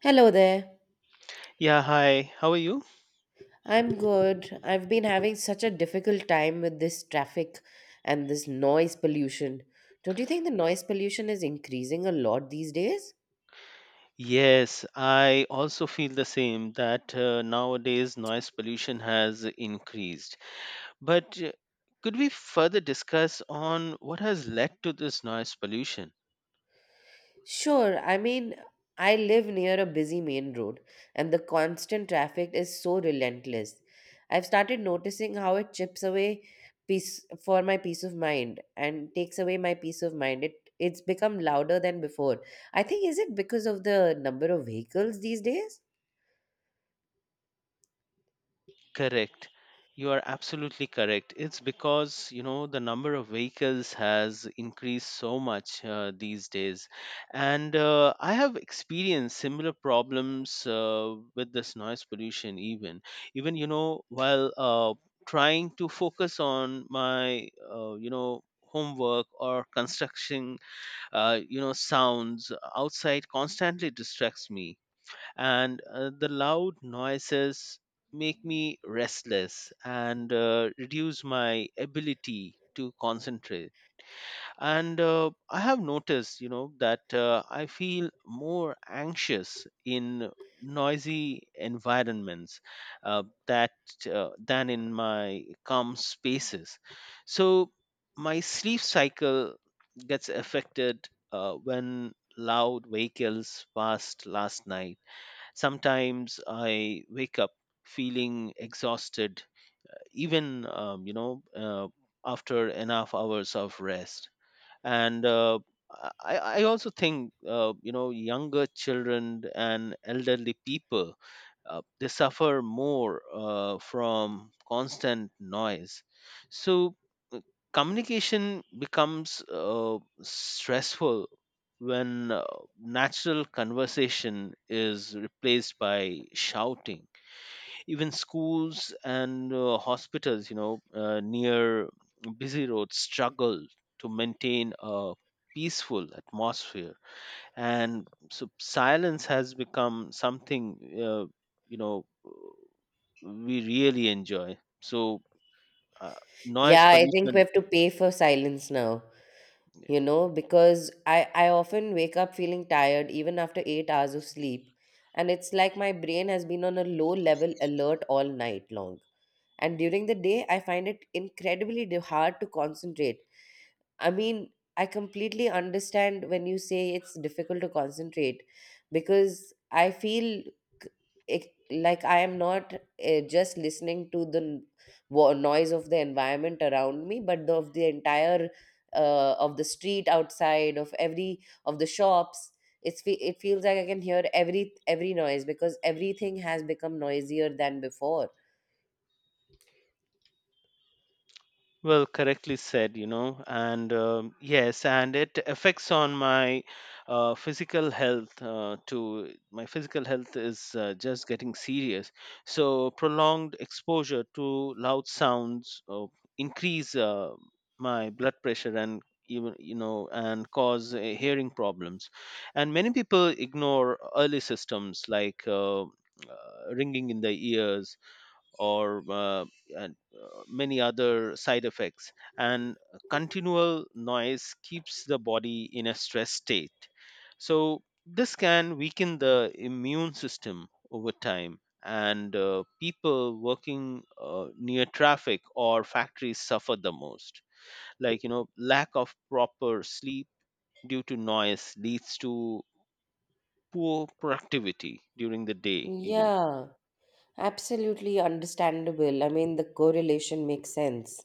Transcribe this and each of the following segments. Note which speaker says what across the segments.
Speaker 1: Hello there.
Speaker 2: Yeah, hi. How are you?
Speaker 1: I'm good. I've been having such a difficult time with this traffic and this noise pollution. Don't you think the noise pollution is increasing a lot these days?
Speaker 2: Yes, I also feel the same that nowadays noise pollution has increased. But could we further discuss on what has led to this noise pollution?
Speaker 1: Sure, I mean, I live near a busy main road and the constant traffic is so relentless. I've started noticing how it chips away peace for my peace of mind and takes away my peace of mind. It's become louder than before. I think, is it because of the number of vehicles these days?
Speaker 2: Correct. You are absolutely correct. It's because, you know, the number of vehicles has increased so much these days. And I have experienced similar problems with this noise pollution, even. Even, you know, while trying to focus on my, homework or construction, sounds outside constantly distracts me and the loud noises make me restless and reduce my ability to concentrate and I have noticed that I feel more anxious in noisy environments that than in my calm spaces so my sleep cycle gets affected when loud vehicles passed last night. Sometimes I wake up feeling exhausted, even after enough hours of rest. And I, I also think younger children and elderly people they suffer more from constant noise. So communication becomes stressful when natural conversation is replaced by shouting. Even schools and hospitals near busy roads struggle to maintain a peaceful atmosphere, and so silence has become something uh, you know we really enjoy, so uh, noise
Speaker 1: Yeah, I think we
Speaker 2: pollution.
Speaker 1: have to pay for silence now, you know, because I often wake up feeling tired even after 8 hours of sleep. And it's like my brain has been on a low level alert all night long. And during the day, I find it incredibly hard to concentrate. I mean, I completely understand when you say it's difficult to concentrate because I feel it, like I am not just listening to the noise of the environment around me, but of the entire of the street outside, of every of the shops. It's fe- it feels like I can hear every noise because everything has become noisier than before.
Speaker 2: Well, correctly said, you know, and yes, and it affects on my physical health too. My physical health is just getting serious. So, prolonged exposure to loud sounds increase my blood pressure, and even you know and cause hearing problems. And many people ignore early systems like ringing in the ears or uh, many other side effects, and continual noise keeps the body in a stress state, so this can weaken the immune system over time, and people working near traffic or factories suffer the most, like you know, lack of proper sleep due to noise leads to poor productivity during the day, even.
Speaker 1: Yeah, absolutely understandable. I mean, the correlation makes sense.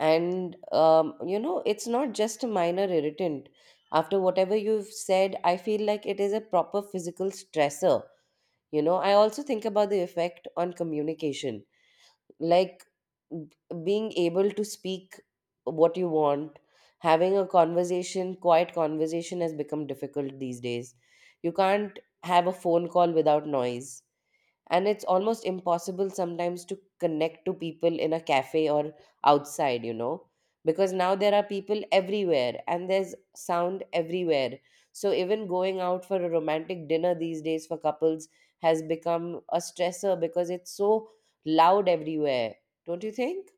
Speaker 1: And you know it's not just a minor irritant. After whatever you've said, I feel like it is a proper physical stressor. You know, I also think about the effect on communication. Like, b- being able to speak what you want, having a conversation, quiet conversation has become difficult these days. You can't have a phone call without noise, and it's almost impossible sometimes to connect to people in a cafe or outside, you know because now there are people everywhere and there's sound everywhere. So even going out for a romantic dinner these days for couples has become a stressor because it's so loud everywhere. Don't you think?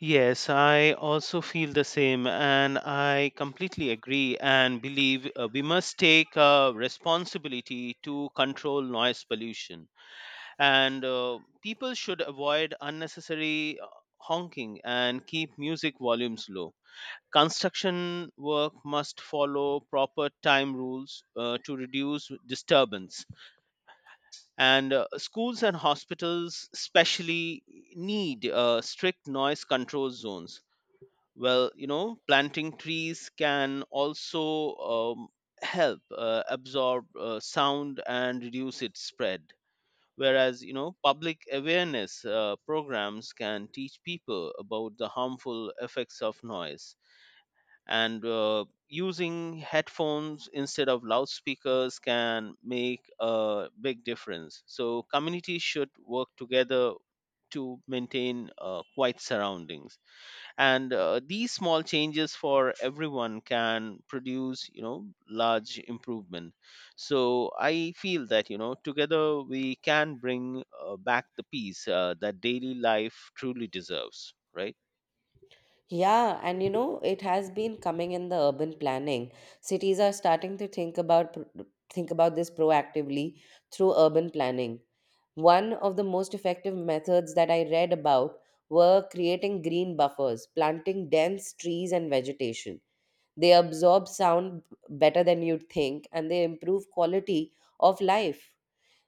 Speaker 2: Yes, I also feel the same, and I completely agree and believe we must take responsibility to control noise pollution. And people should avoid unnecessary honking and keep music volumes low. Construction work must follow proper time rules to reduce disturbance. And schools and hospitals, especially, need strict noise control zones. Well, you know, planting trees can also help absorb sound and reduce its spread, whereas you know, public awareness programs can teach people about the harmful effects of noise, and using headphones instead of loudspeakers can make a big difference. So communities should work together to maintain quiet surroundings, and these small changes for everyone can produce you know large improvement. So I feel that you know together we can bring back the peace that daily life truly deserves, right?
Speaker 1: Yeah, and you know, it has been coming in the urban planning. Cities are starting to think about this proactively through urban planning. One of the most effective methods that I read about were creating green buffers, planting dense trees and vegetation. They absorb sound better than you'd think, and they improve quality of life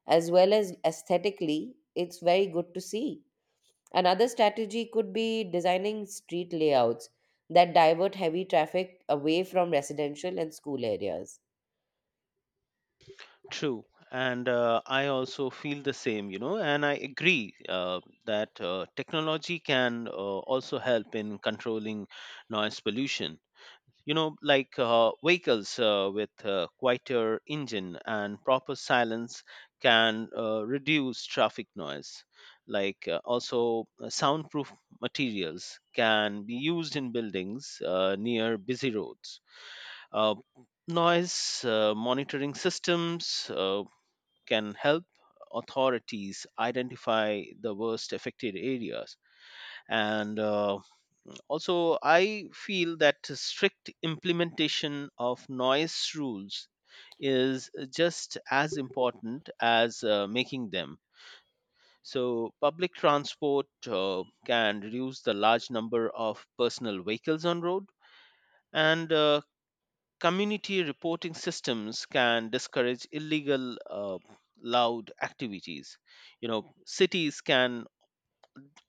Speaker 1: as well as aesthetically. It's very good to see. Another strategy could be designing street layouts that divert heavy traffic away from residential and school areas.
Speaker 2: True, and I also feel the same, you know, and I agree that technology can also help in controlling noise pollution, you know, like vehicles with quieter engine and proper silence can reduce traffic noise. Like also, soundproof materials can be used in buildings near busy roads. Uh, noise monitoring systems can help authorities identify the worst affected areas, and also, I feel that strict implementation of noise rules is just as important as making them. So, public transport can reduce the large number of personal vehicles on road, and community reporting systems can discourage illegal loud activities. You know, cities can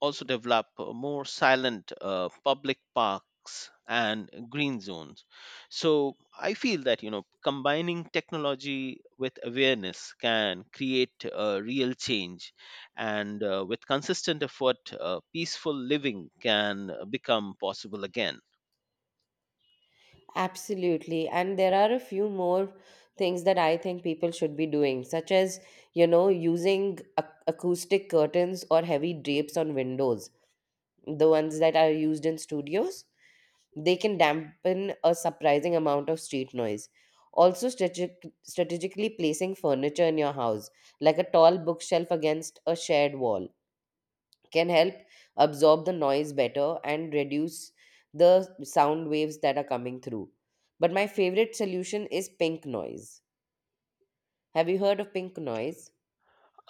Speaker 2: also develop more silent public parks and green zones. So I feel that you know combining technology with awareness can create a real change, and with consistent effort peaceful living can become possible again.
Speaker 1: Absolutely. And there are a few more things that I think people should be doing, such as you know, using acoustic curtains or heavy drapes on windows, the ones that are used in studios. They can dampen a surprising amount of street noise. Also, strategically placing furniture in your house, like a tall bookshelf against a shared wall, can help absorb the noise better and reduce the sound waves that are coming through. But my favorite solution is pink noise. Have you heard of pink noise?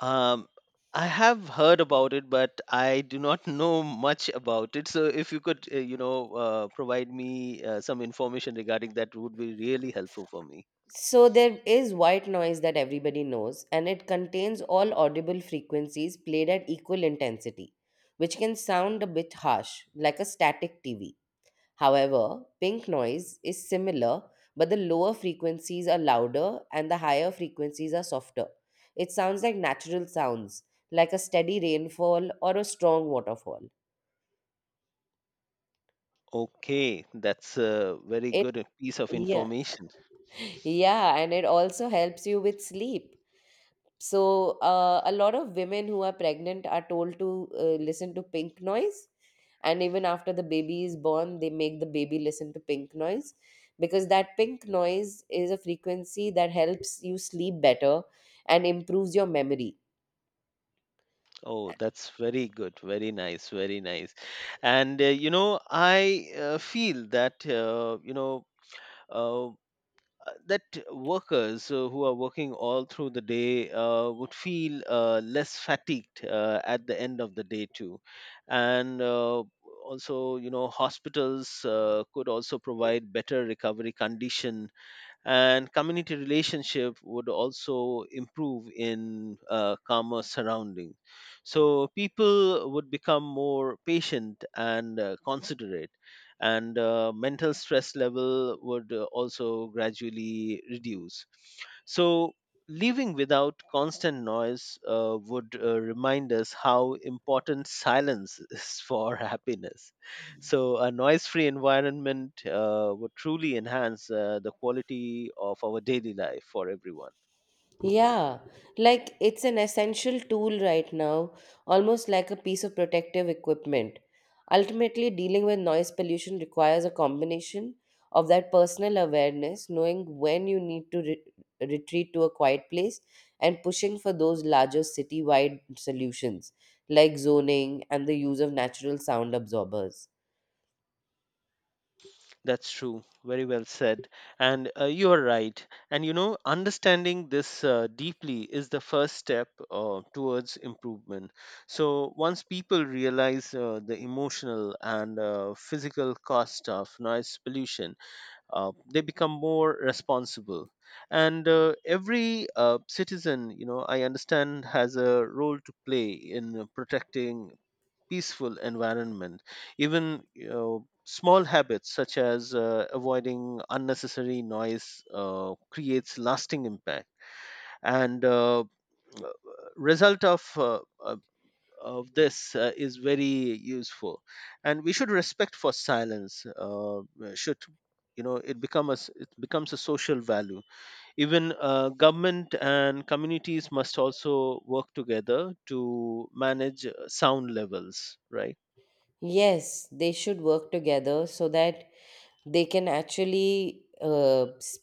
Speaker 2: Um, I have heard about it, but I do not know much about it. So if you could, provide me some information regarding that, would be really helpful for me.
Speaker 1: So there is white noise that everybody knows, and it contains all audible frequencies played at equal intensity, which can sound a bit harsh, like a static TV. However, pink noise is similar, but the lower frequencies are louder and the higher frequencies are softer. It sounds like natural sounds, like a steady rainfall or a strong waterfall.
Speaker 2: Okay, that's a very
Speaker 1: It
Speaker 2: good piece of
Speaker 1: yeah,
Speaker 2: information.
Speaker 1: yeah, and it also helps you with sleep. So, a lot of women who are pregnant are told to listen to pink noise. And even after the baby is born, they make the baby listen to pink noise because that pink noise is a frequency that helps you sleep better and improves your memory.
Speaker 2: Oh, that's very good. Very nice. Very nice. And, I feel that, uh, uh, that workers who are working all through the day would feel less fatigued at the end of the day, too. And also, you know, hospitals could also provide better recovery conditions, and community relationship would also improve in calmer surrounding, so people would become more patient and considerate, and mental stress level would also gradually reduce. So living without constant noise would remind us how important silence is for happiness. So, a noise free environment would truly enhance the quality of our daily life for everyone.
Speaker 1: Yeah, like it's an essential tool right now, almost like a piece of protective equipment. Ultimately, dealing with noise pollution requires a combination of that personal awareness, knowing when you need to retreat to a quiet place, and pushing for those larger city-wide solutions like zoning and the use of natural sound absorbers.
Speaker 2: That's true. Very well said. And you are right. And you know, understanding this deeply is the first step towards improvement. So once people realize the emotional and physical cost of noise pollution, they become more responsible. And every citizen, you know, I understand has a role to play in protecting peaceful environment. Even you know, small habits such as avoiding unnecessary noise creates lasting impact. And Result of this is very useful, and we should respect for silence. Should you know it become a s- It becomes a social value. Even government and communities must also work together to manage sound levels, right?
Speaker 1: Yes, they should work together so that they can actually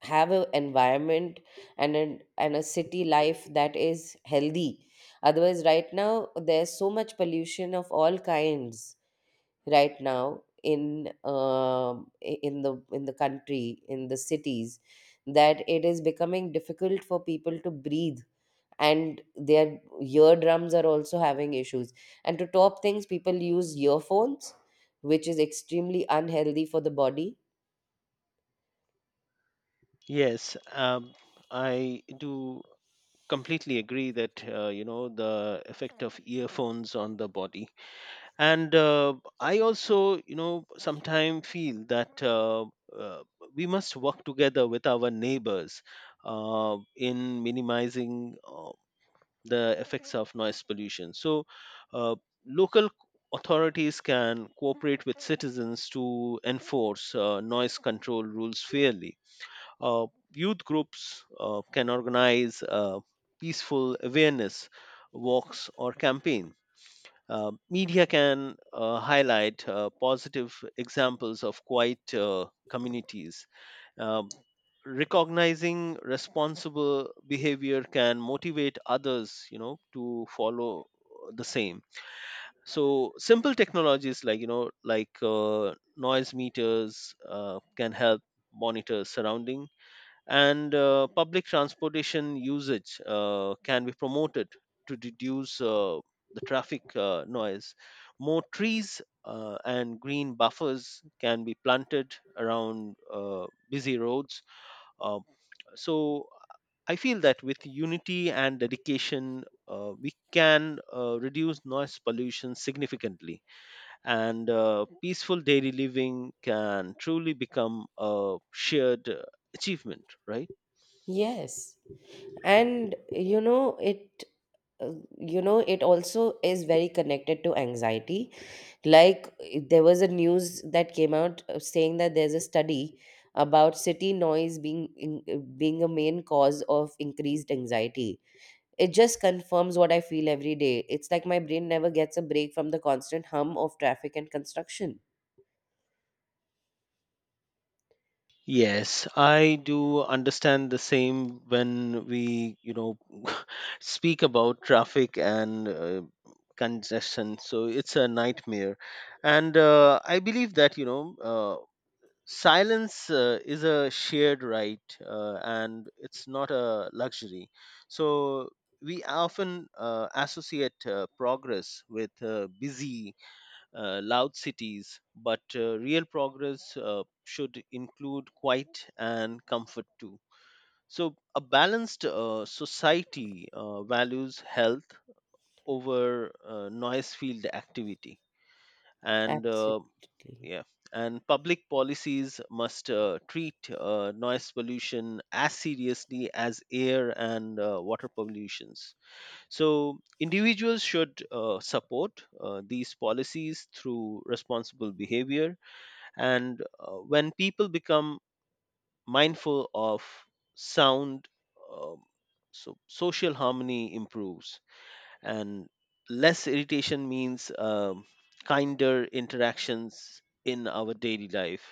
Speaker 1: have an environment and and a city life that is healthy. Otherwise, right now there's so much pollution of all kinds right now in in the country, in the cities, that it is becoming difficult for people to breathe, and their eardrums are also having issues. And to top things, people use earphones, which is extremely unhealthy for the body.
Speaker 2: Yes, I do completely agree that you know the effect of earphones on the body, and I also you know sometimes feel that uh, we must work together with our neighbors in minimizing the effects of noise pollution. So, uh, local authorities can cooperate with citizens to enforce noise control rules fairly. uh, youth groups can organize peaceful awareness walks or campaign. Media can highlight positive examples of quiet communities. Um, recognizing responsible behavior can motivate others, you know, to follow the same. So simple technologies like you know, like noise meters can help monitor surrounding, and public transportation usage can be promoted to reduce the traffic noise. More trees and green buffers can be planted around busy roads. Uh, so I feel that with unity and dedication, we can reduce noise pollution significantly, and peaceful daily living can truly become a shared achievement, right?
Speaker 1: Yes. And uh, you know, it also is very connected to anxiety. Like, there was a news that came out saying that there's a study about city noise being a main cause of increased anxiety. It just confirms what I feel every day. It's like my brain never gets a break from the constant hum of traffic and construction.
Speaker 2: Yes, I do understand the same when we, you know, speak about traffic and congestion. So it's a nightmare. And I believe that, you know, silence is a shared right and it's not a luxury. So we often associate progress with busy loud cities, but real progress should include quiet and comfort too. So, a balanced society values health over noise field activity, and
Speaker 1: Absolutely.
Speaker 2: yeah, and public policies must treat noise pollution as seriously as air and water pollutions. So, individuals should support these policies through responsible behavior. And when people become mindful of sound, uh, so social harmony improves, and less irritation means kinder interactions in our daily life.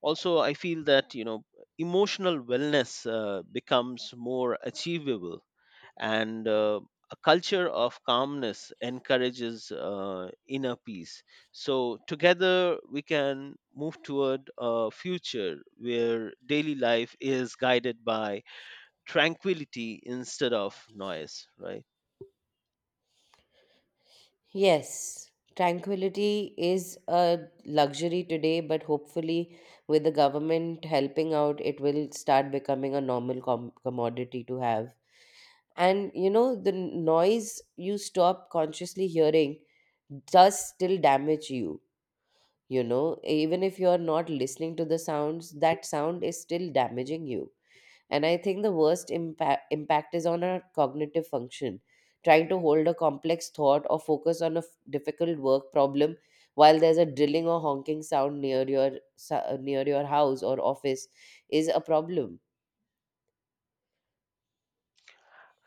Speaker 2: Also, I feel that you know emotional wellness becomes more achievable, and a culture of calmness encourages inner peace. So, together we can move toward a future where daily life is guided by tranquility instead of noise, right?
Speaker 1: Yes, tranquility is a luxury today, but hopefully, with the government helping out, it will start becoming a normal commodity to have. And you know, the noise you stop consciously hearing does still damage you. You know, even if you're not listening to the sounds, that sound is still damaging you. And I think the worst impact is on our cognitive function. Trying to hold a complex thought or focus on a difficult work problem while there's a drilling or honking sound near your near your house or office is a problem.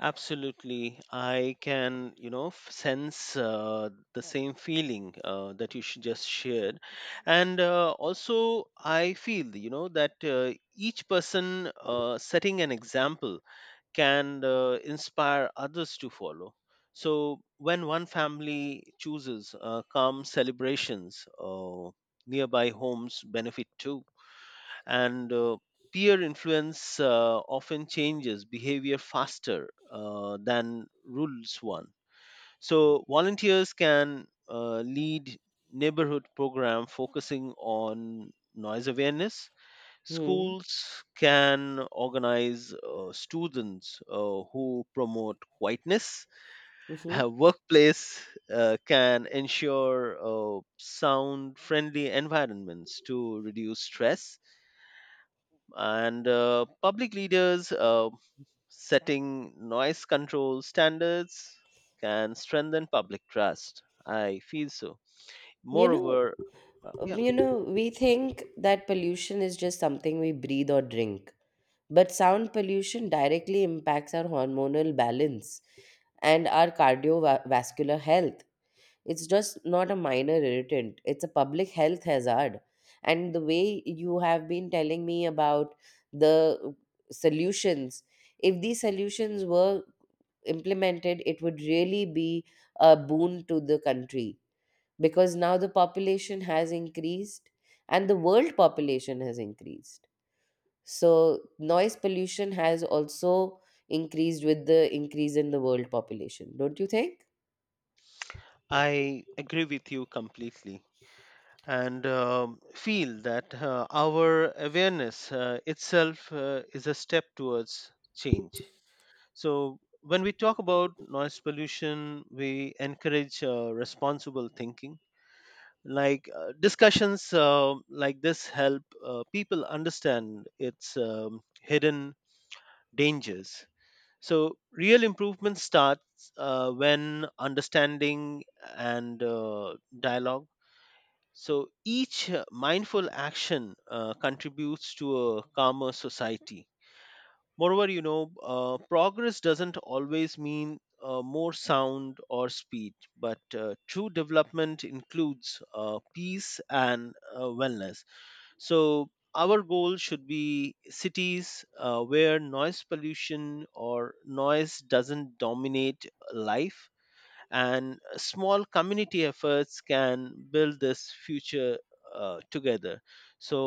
Speaker 2: Absolutely. I can, you know, sense the same feeling that you just shared. And also, I feel, you know, that each person setting an example can inspire others to follow. So, when one family chooses calm celebrations, nearby homes benefit too. And peer influence often changes behavior faster than rules one. So, volunteers can lead neighborhood program focusing on noise awareness.
Speaker 1: Hmm.
Speaker 2: Schools can organize students who promote quietness.
Speaker 1: Hmm.
Speaker 2: Workplace can ensure sound friendly environments to reduce stress. And public leaders setting noise control standards can strengthen public trust. I feel so.
Speaker 1: You know,
Speaker 2: Moreover, yeah,
Speaker 1: you
Speaker 2: go ahead.
Speaker 1: know, we think that pollution is just something we breathe or drink, but sound pollution directly impacts our hormonal balance and our cardiovascular health. It's just not a minor irritant, it's a public health hazard. And the way you have been telling me about the solutions, if these solutions were implemented, it would really be a boon to the country, because now the population has increased and the world population has increased. So noise pollution has also increased with the increase in the world population, don't you think?
Speaker 2: I agree with you completely. And feel that our awareness itself is a step towards change. So, when we talk about noise pollution, we encourage responsible thinking. Like discussions like this help people understand its hidden dangers. So, real improvement starts when understanding and dialogue, so each mindful action contributes to a calmer society. Moreover, you know, progress doesn't always mean more sound or speed, but true development includes peace and wellness. So our goal should be cities where noise pollution or noise doesn't dominate life, and small community efforts can build this future together. So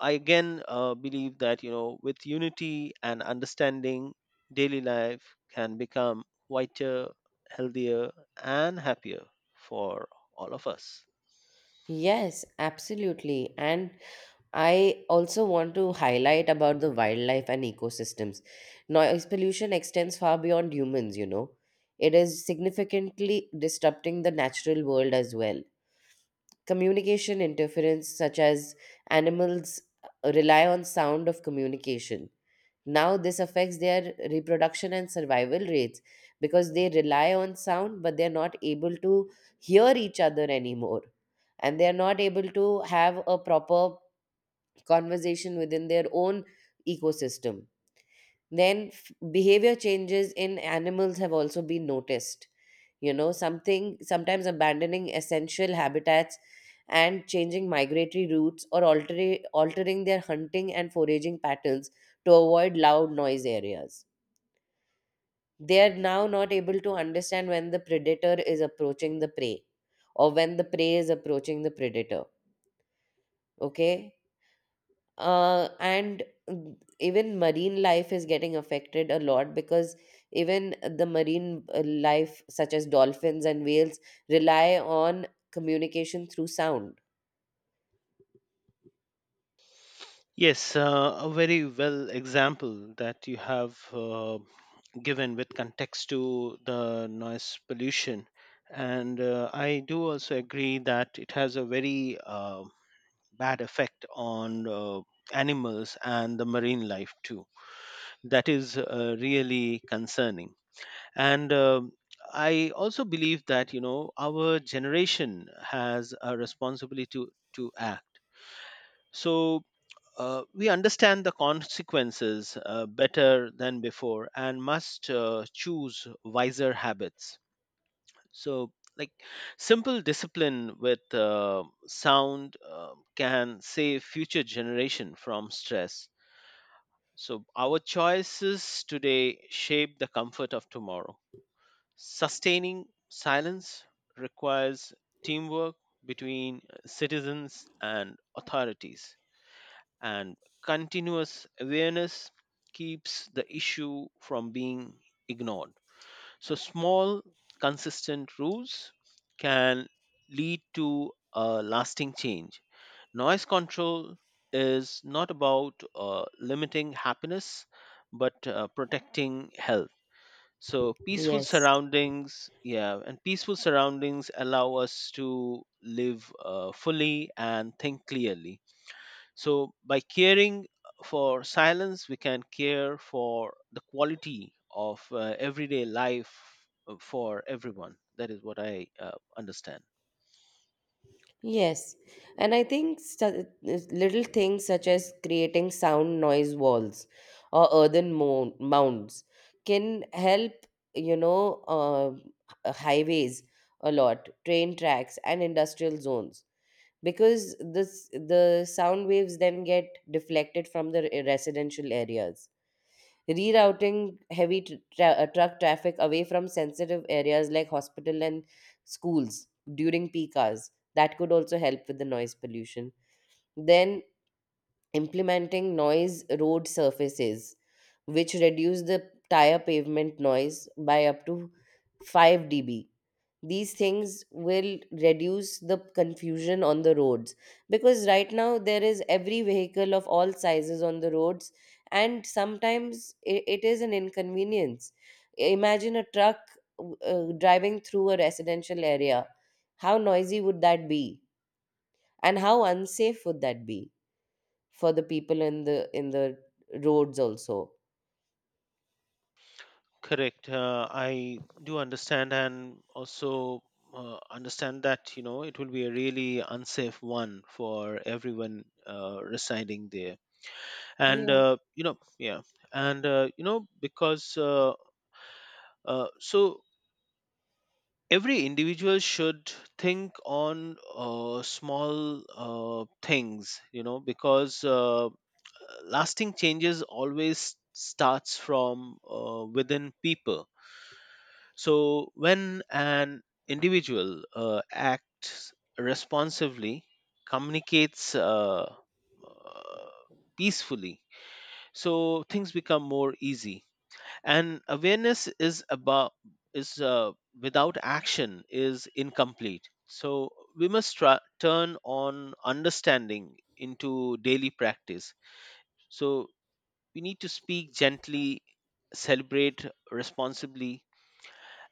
Speaker 2: I again believe that with unity and understanding, daily life can become whiter, healthier, and happier for all of us.
Speaker 1: Yes, absolutely. And I also want to highlight about the wildlife and ecosystems. Noise pollution extends far beyond humans. You know. It is significantly disrupting the natural world as well. Communication interference, such as animals rely on sound of communication. Now, this affects their reproduction and survival rates, because they rely on sound, but they're not able to hear each other anymore, and they are not able to have a proper conversation within their own ecosystem. Then behavior changes in animals have also been noticed. You know, something sometimes abandoning essential habitats and changing migratory routes, or altering their hunting and foraging patterns to avoid loud noise areas. They are now not able to understand when the predator is approaching the prey, or when the prey is approaching the predator. Okay. And, even marine life is getting affected a lot, because even the marine life such as dolphins and whales rely on communication through sound.
Speaker 2: Yes, a very well example that you have given with context to the noise pollution. And I do also agree that it has a very bad effect on animals and the marine life too. That is really concerning. And I also believe that our generation has a responsibility to act. So we understand the consequences better than before and must choose wiser habits. So like, simple discipline with sound can save future generation from stress. So our choices today shape the comfort of tomorrow. Sustaining silence requires teamwork between citizens and authorities, and continuous awareness keeps the issue from being ignored. So, small, consistent rules can lead to a lasting change. Noise control is not about limiting happiness but protecting health. So, peaceful
Speaker 1: Yes.
Speaker 2: surroundings, yeah, and peaceful surroundings allow us to live fully and think clearly. So, by caring for silence, we can care for the quality of everyday life for everyone. That is what I understand.
Speaker 1: Yes. And I think little things such as creating sound noise walls or mounds can help you know highways a lot, train tracks and industrial zones, because this the sound waves then get deflected from the residential areas. Rerouting heavy truck traffic away from sensitive areas like hospital and schools during peak hours, that could also help with the noise pollution. Then implementing noise road surfaces, which reduce the tire pavement noise by up to 5 dB. These things will reduce the confusion on the roads, because right now there is every vehicle of all sizes on the roads, and sometimes it is an inconvenience. Imagine a truck driving through a residential area. How noisy would that be, and how unsafe would that be for the people in the roads also.
Speaker 2: Correct. I do understand and also understand that, you know, it will be a really unsafe one for everyone residing there. And,
Speaker 1: Yeah.
Speaker 2: you know, yeah. And, so every individual should think on small things, you know, because lasting changes always starts from within people. So, when an individual acts responsively, communicates uh, peacefully, so things become more easy. And awareness is about is without action is incomplete. So we must try, turn on understanding into daily practice. So we need to speak gently, celebrate responsibly,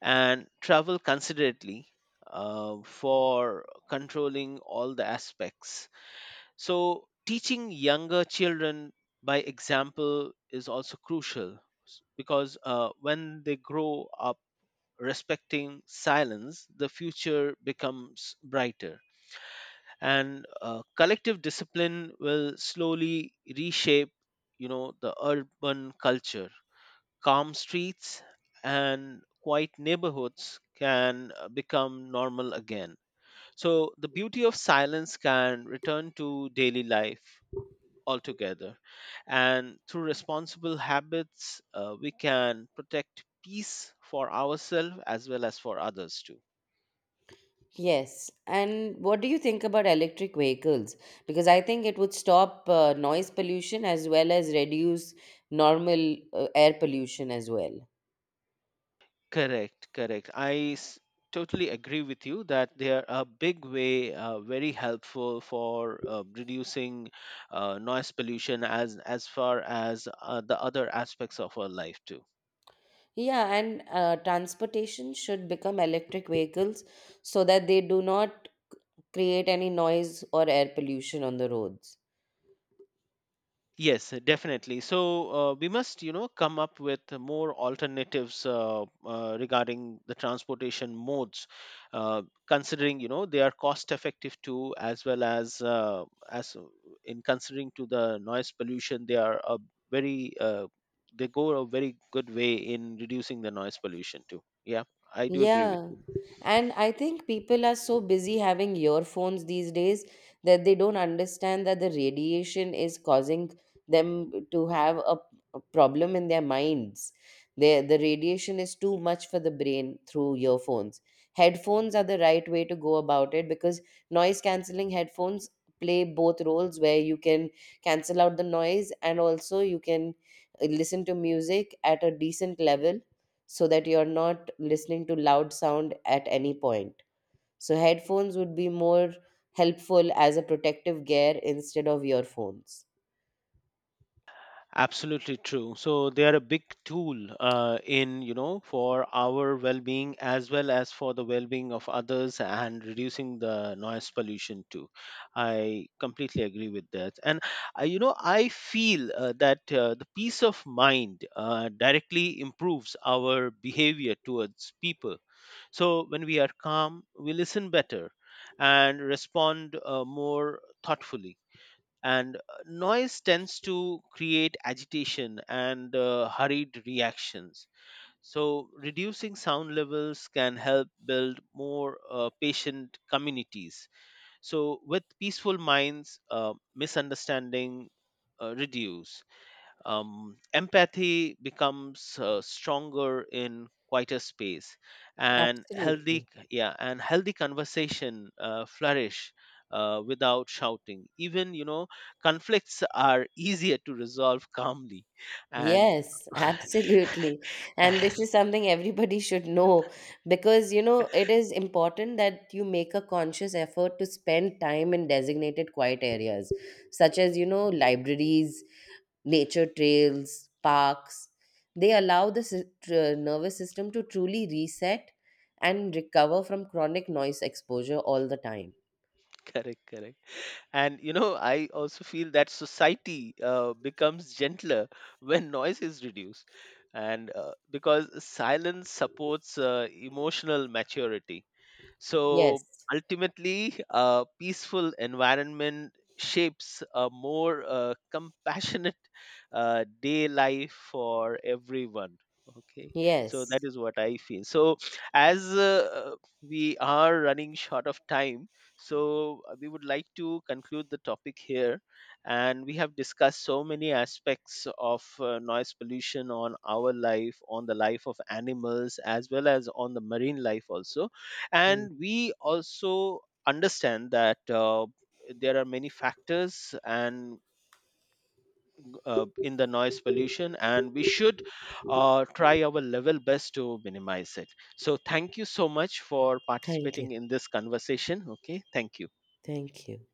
Speaker 2: and travel considerately for controlling all the aspects. So, teaching younger children by example is also crucial because when they grow up respecting silence, the future becomes brighter. And collective discipline will slowly reshape, you know, the urban culture. Calm streets and quiet neighborhoods can become normal again. So the beauty of silence can return to daily life altogether. And through responsible habits, we can protect peace for ourselves as well as for others too.
Speaker 1: Yes. And what do you think about electric vehicles? Because I think it would stop noise pollution as well as reduce normal air pollution as well.
Speaker 2: Correct, correct. Totally agree with you that they are a big way, very helpful for reducing noise pollution as far as the other aspects of our life too.
Speaker 1: Yeah, and transportation should become electric vehicles so that they do not create any noise or air pollution on the roads.
Speaker 2: Yes, definitely. So we must, you know, come up with more alternatives regarding the transportation modes, uh, considering, you know, they are cost effective too, as well as as uh, in considering to the noise pollution, they are a very they go a very good way in reducing the noise pollution too. Yeah, I do agree with
Speaker 1: Yeah.
Speaker 2: you.
Speaker 1: And I think people are so busy having earphones these days that they don't understand that the radiation is causing them to have a problem in their minds. They, the radiation is too much for the brain through earphones. Headphones are the right way to go about it, because noise cancelling headphones play both roles, where you can cancel out the noise and also you can listen to music at a decent level so that you're not listening to loud sound at any point. So headphones would be more helpful as a protective gear instead of earphones.
Speaker 2: Absolutely true. So they are a big tool in, you know, for our well-being as well as for the well-being of others and reducing the noise pollution too. I completely agree with that. And I feel that the peace of mind directly improves our behavior towards people. So when we are calm, we listen better and respond more thoughtfully. And noise tends to create agitation and hurried reactions. So reducing sound levels can help build more patient communities. So with peaceful minds, misunderstanding reduce. Empathy becomes stronger in quieter space. And healthy
Speaker 1: Absolutely.
Speaker 2: yeah and healthy conversation flourish without shouting. Even, you know, conflicts are easier to resolve calmly. And
Speaker 1: Yes, absolutely. And
Speaker 2: and
Speaker 1: this is something everybody should know, because you know, it is important that you make a conscious effort to spend time in designated quiet areas, such as you know, libraries, nature trails, parks. They allow the nervous system to truly reset and recover from chronic noise exposure all the time.
Speaker 2: correct, correct. And you know, I also feel that society becomes gentler when noise is reduced. And because silence supports emotional maturity. So
Speaker 1: Yes,
Speaker 2: ultimately, a peaceful environment shapes a more compassionate day life for everyone. Okay, so that
Speaker 1: yes.
Speaker 2: is what I feel. So, as we are running short of time, so we would like to conclude the topic here. And we have discussed so many aspects of noise pollution on our life, on the life of animals, as well as on the marine life also.
Speaker 1: Mm.
Speaker 2: And we also understand that there are many factors and in the noise pollution, and we should try our level best to minimize it. So thank you so much for
Speaker 1: Thank you.
Speaker 2: participating in this conversation. Okay, thank you.
Speaker 1: Thank you.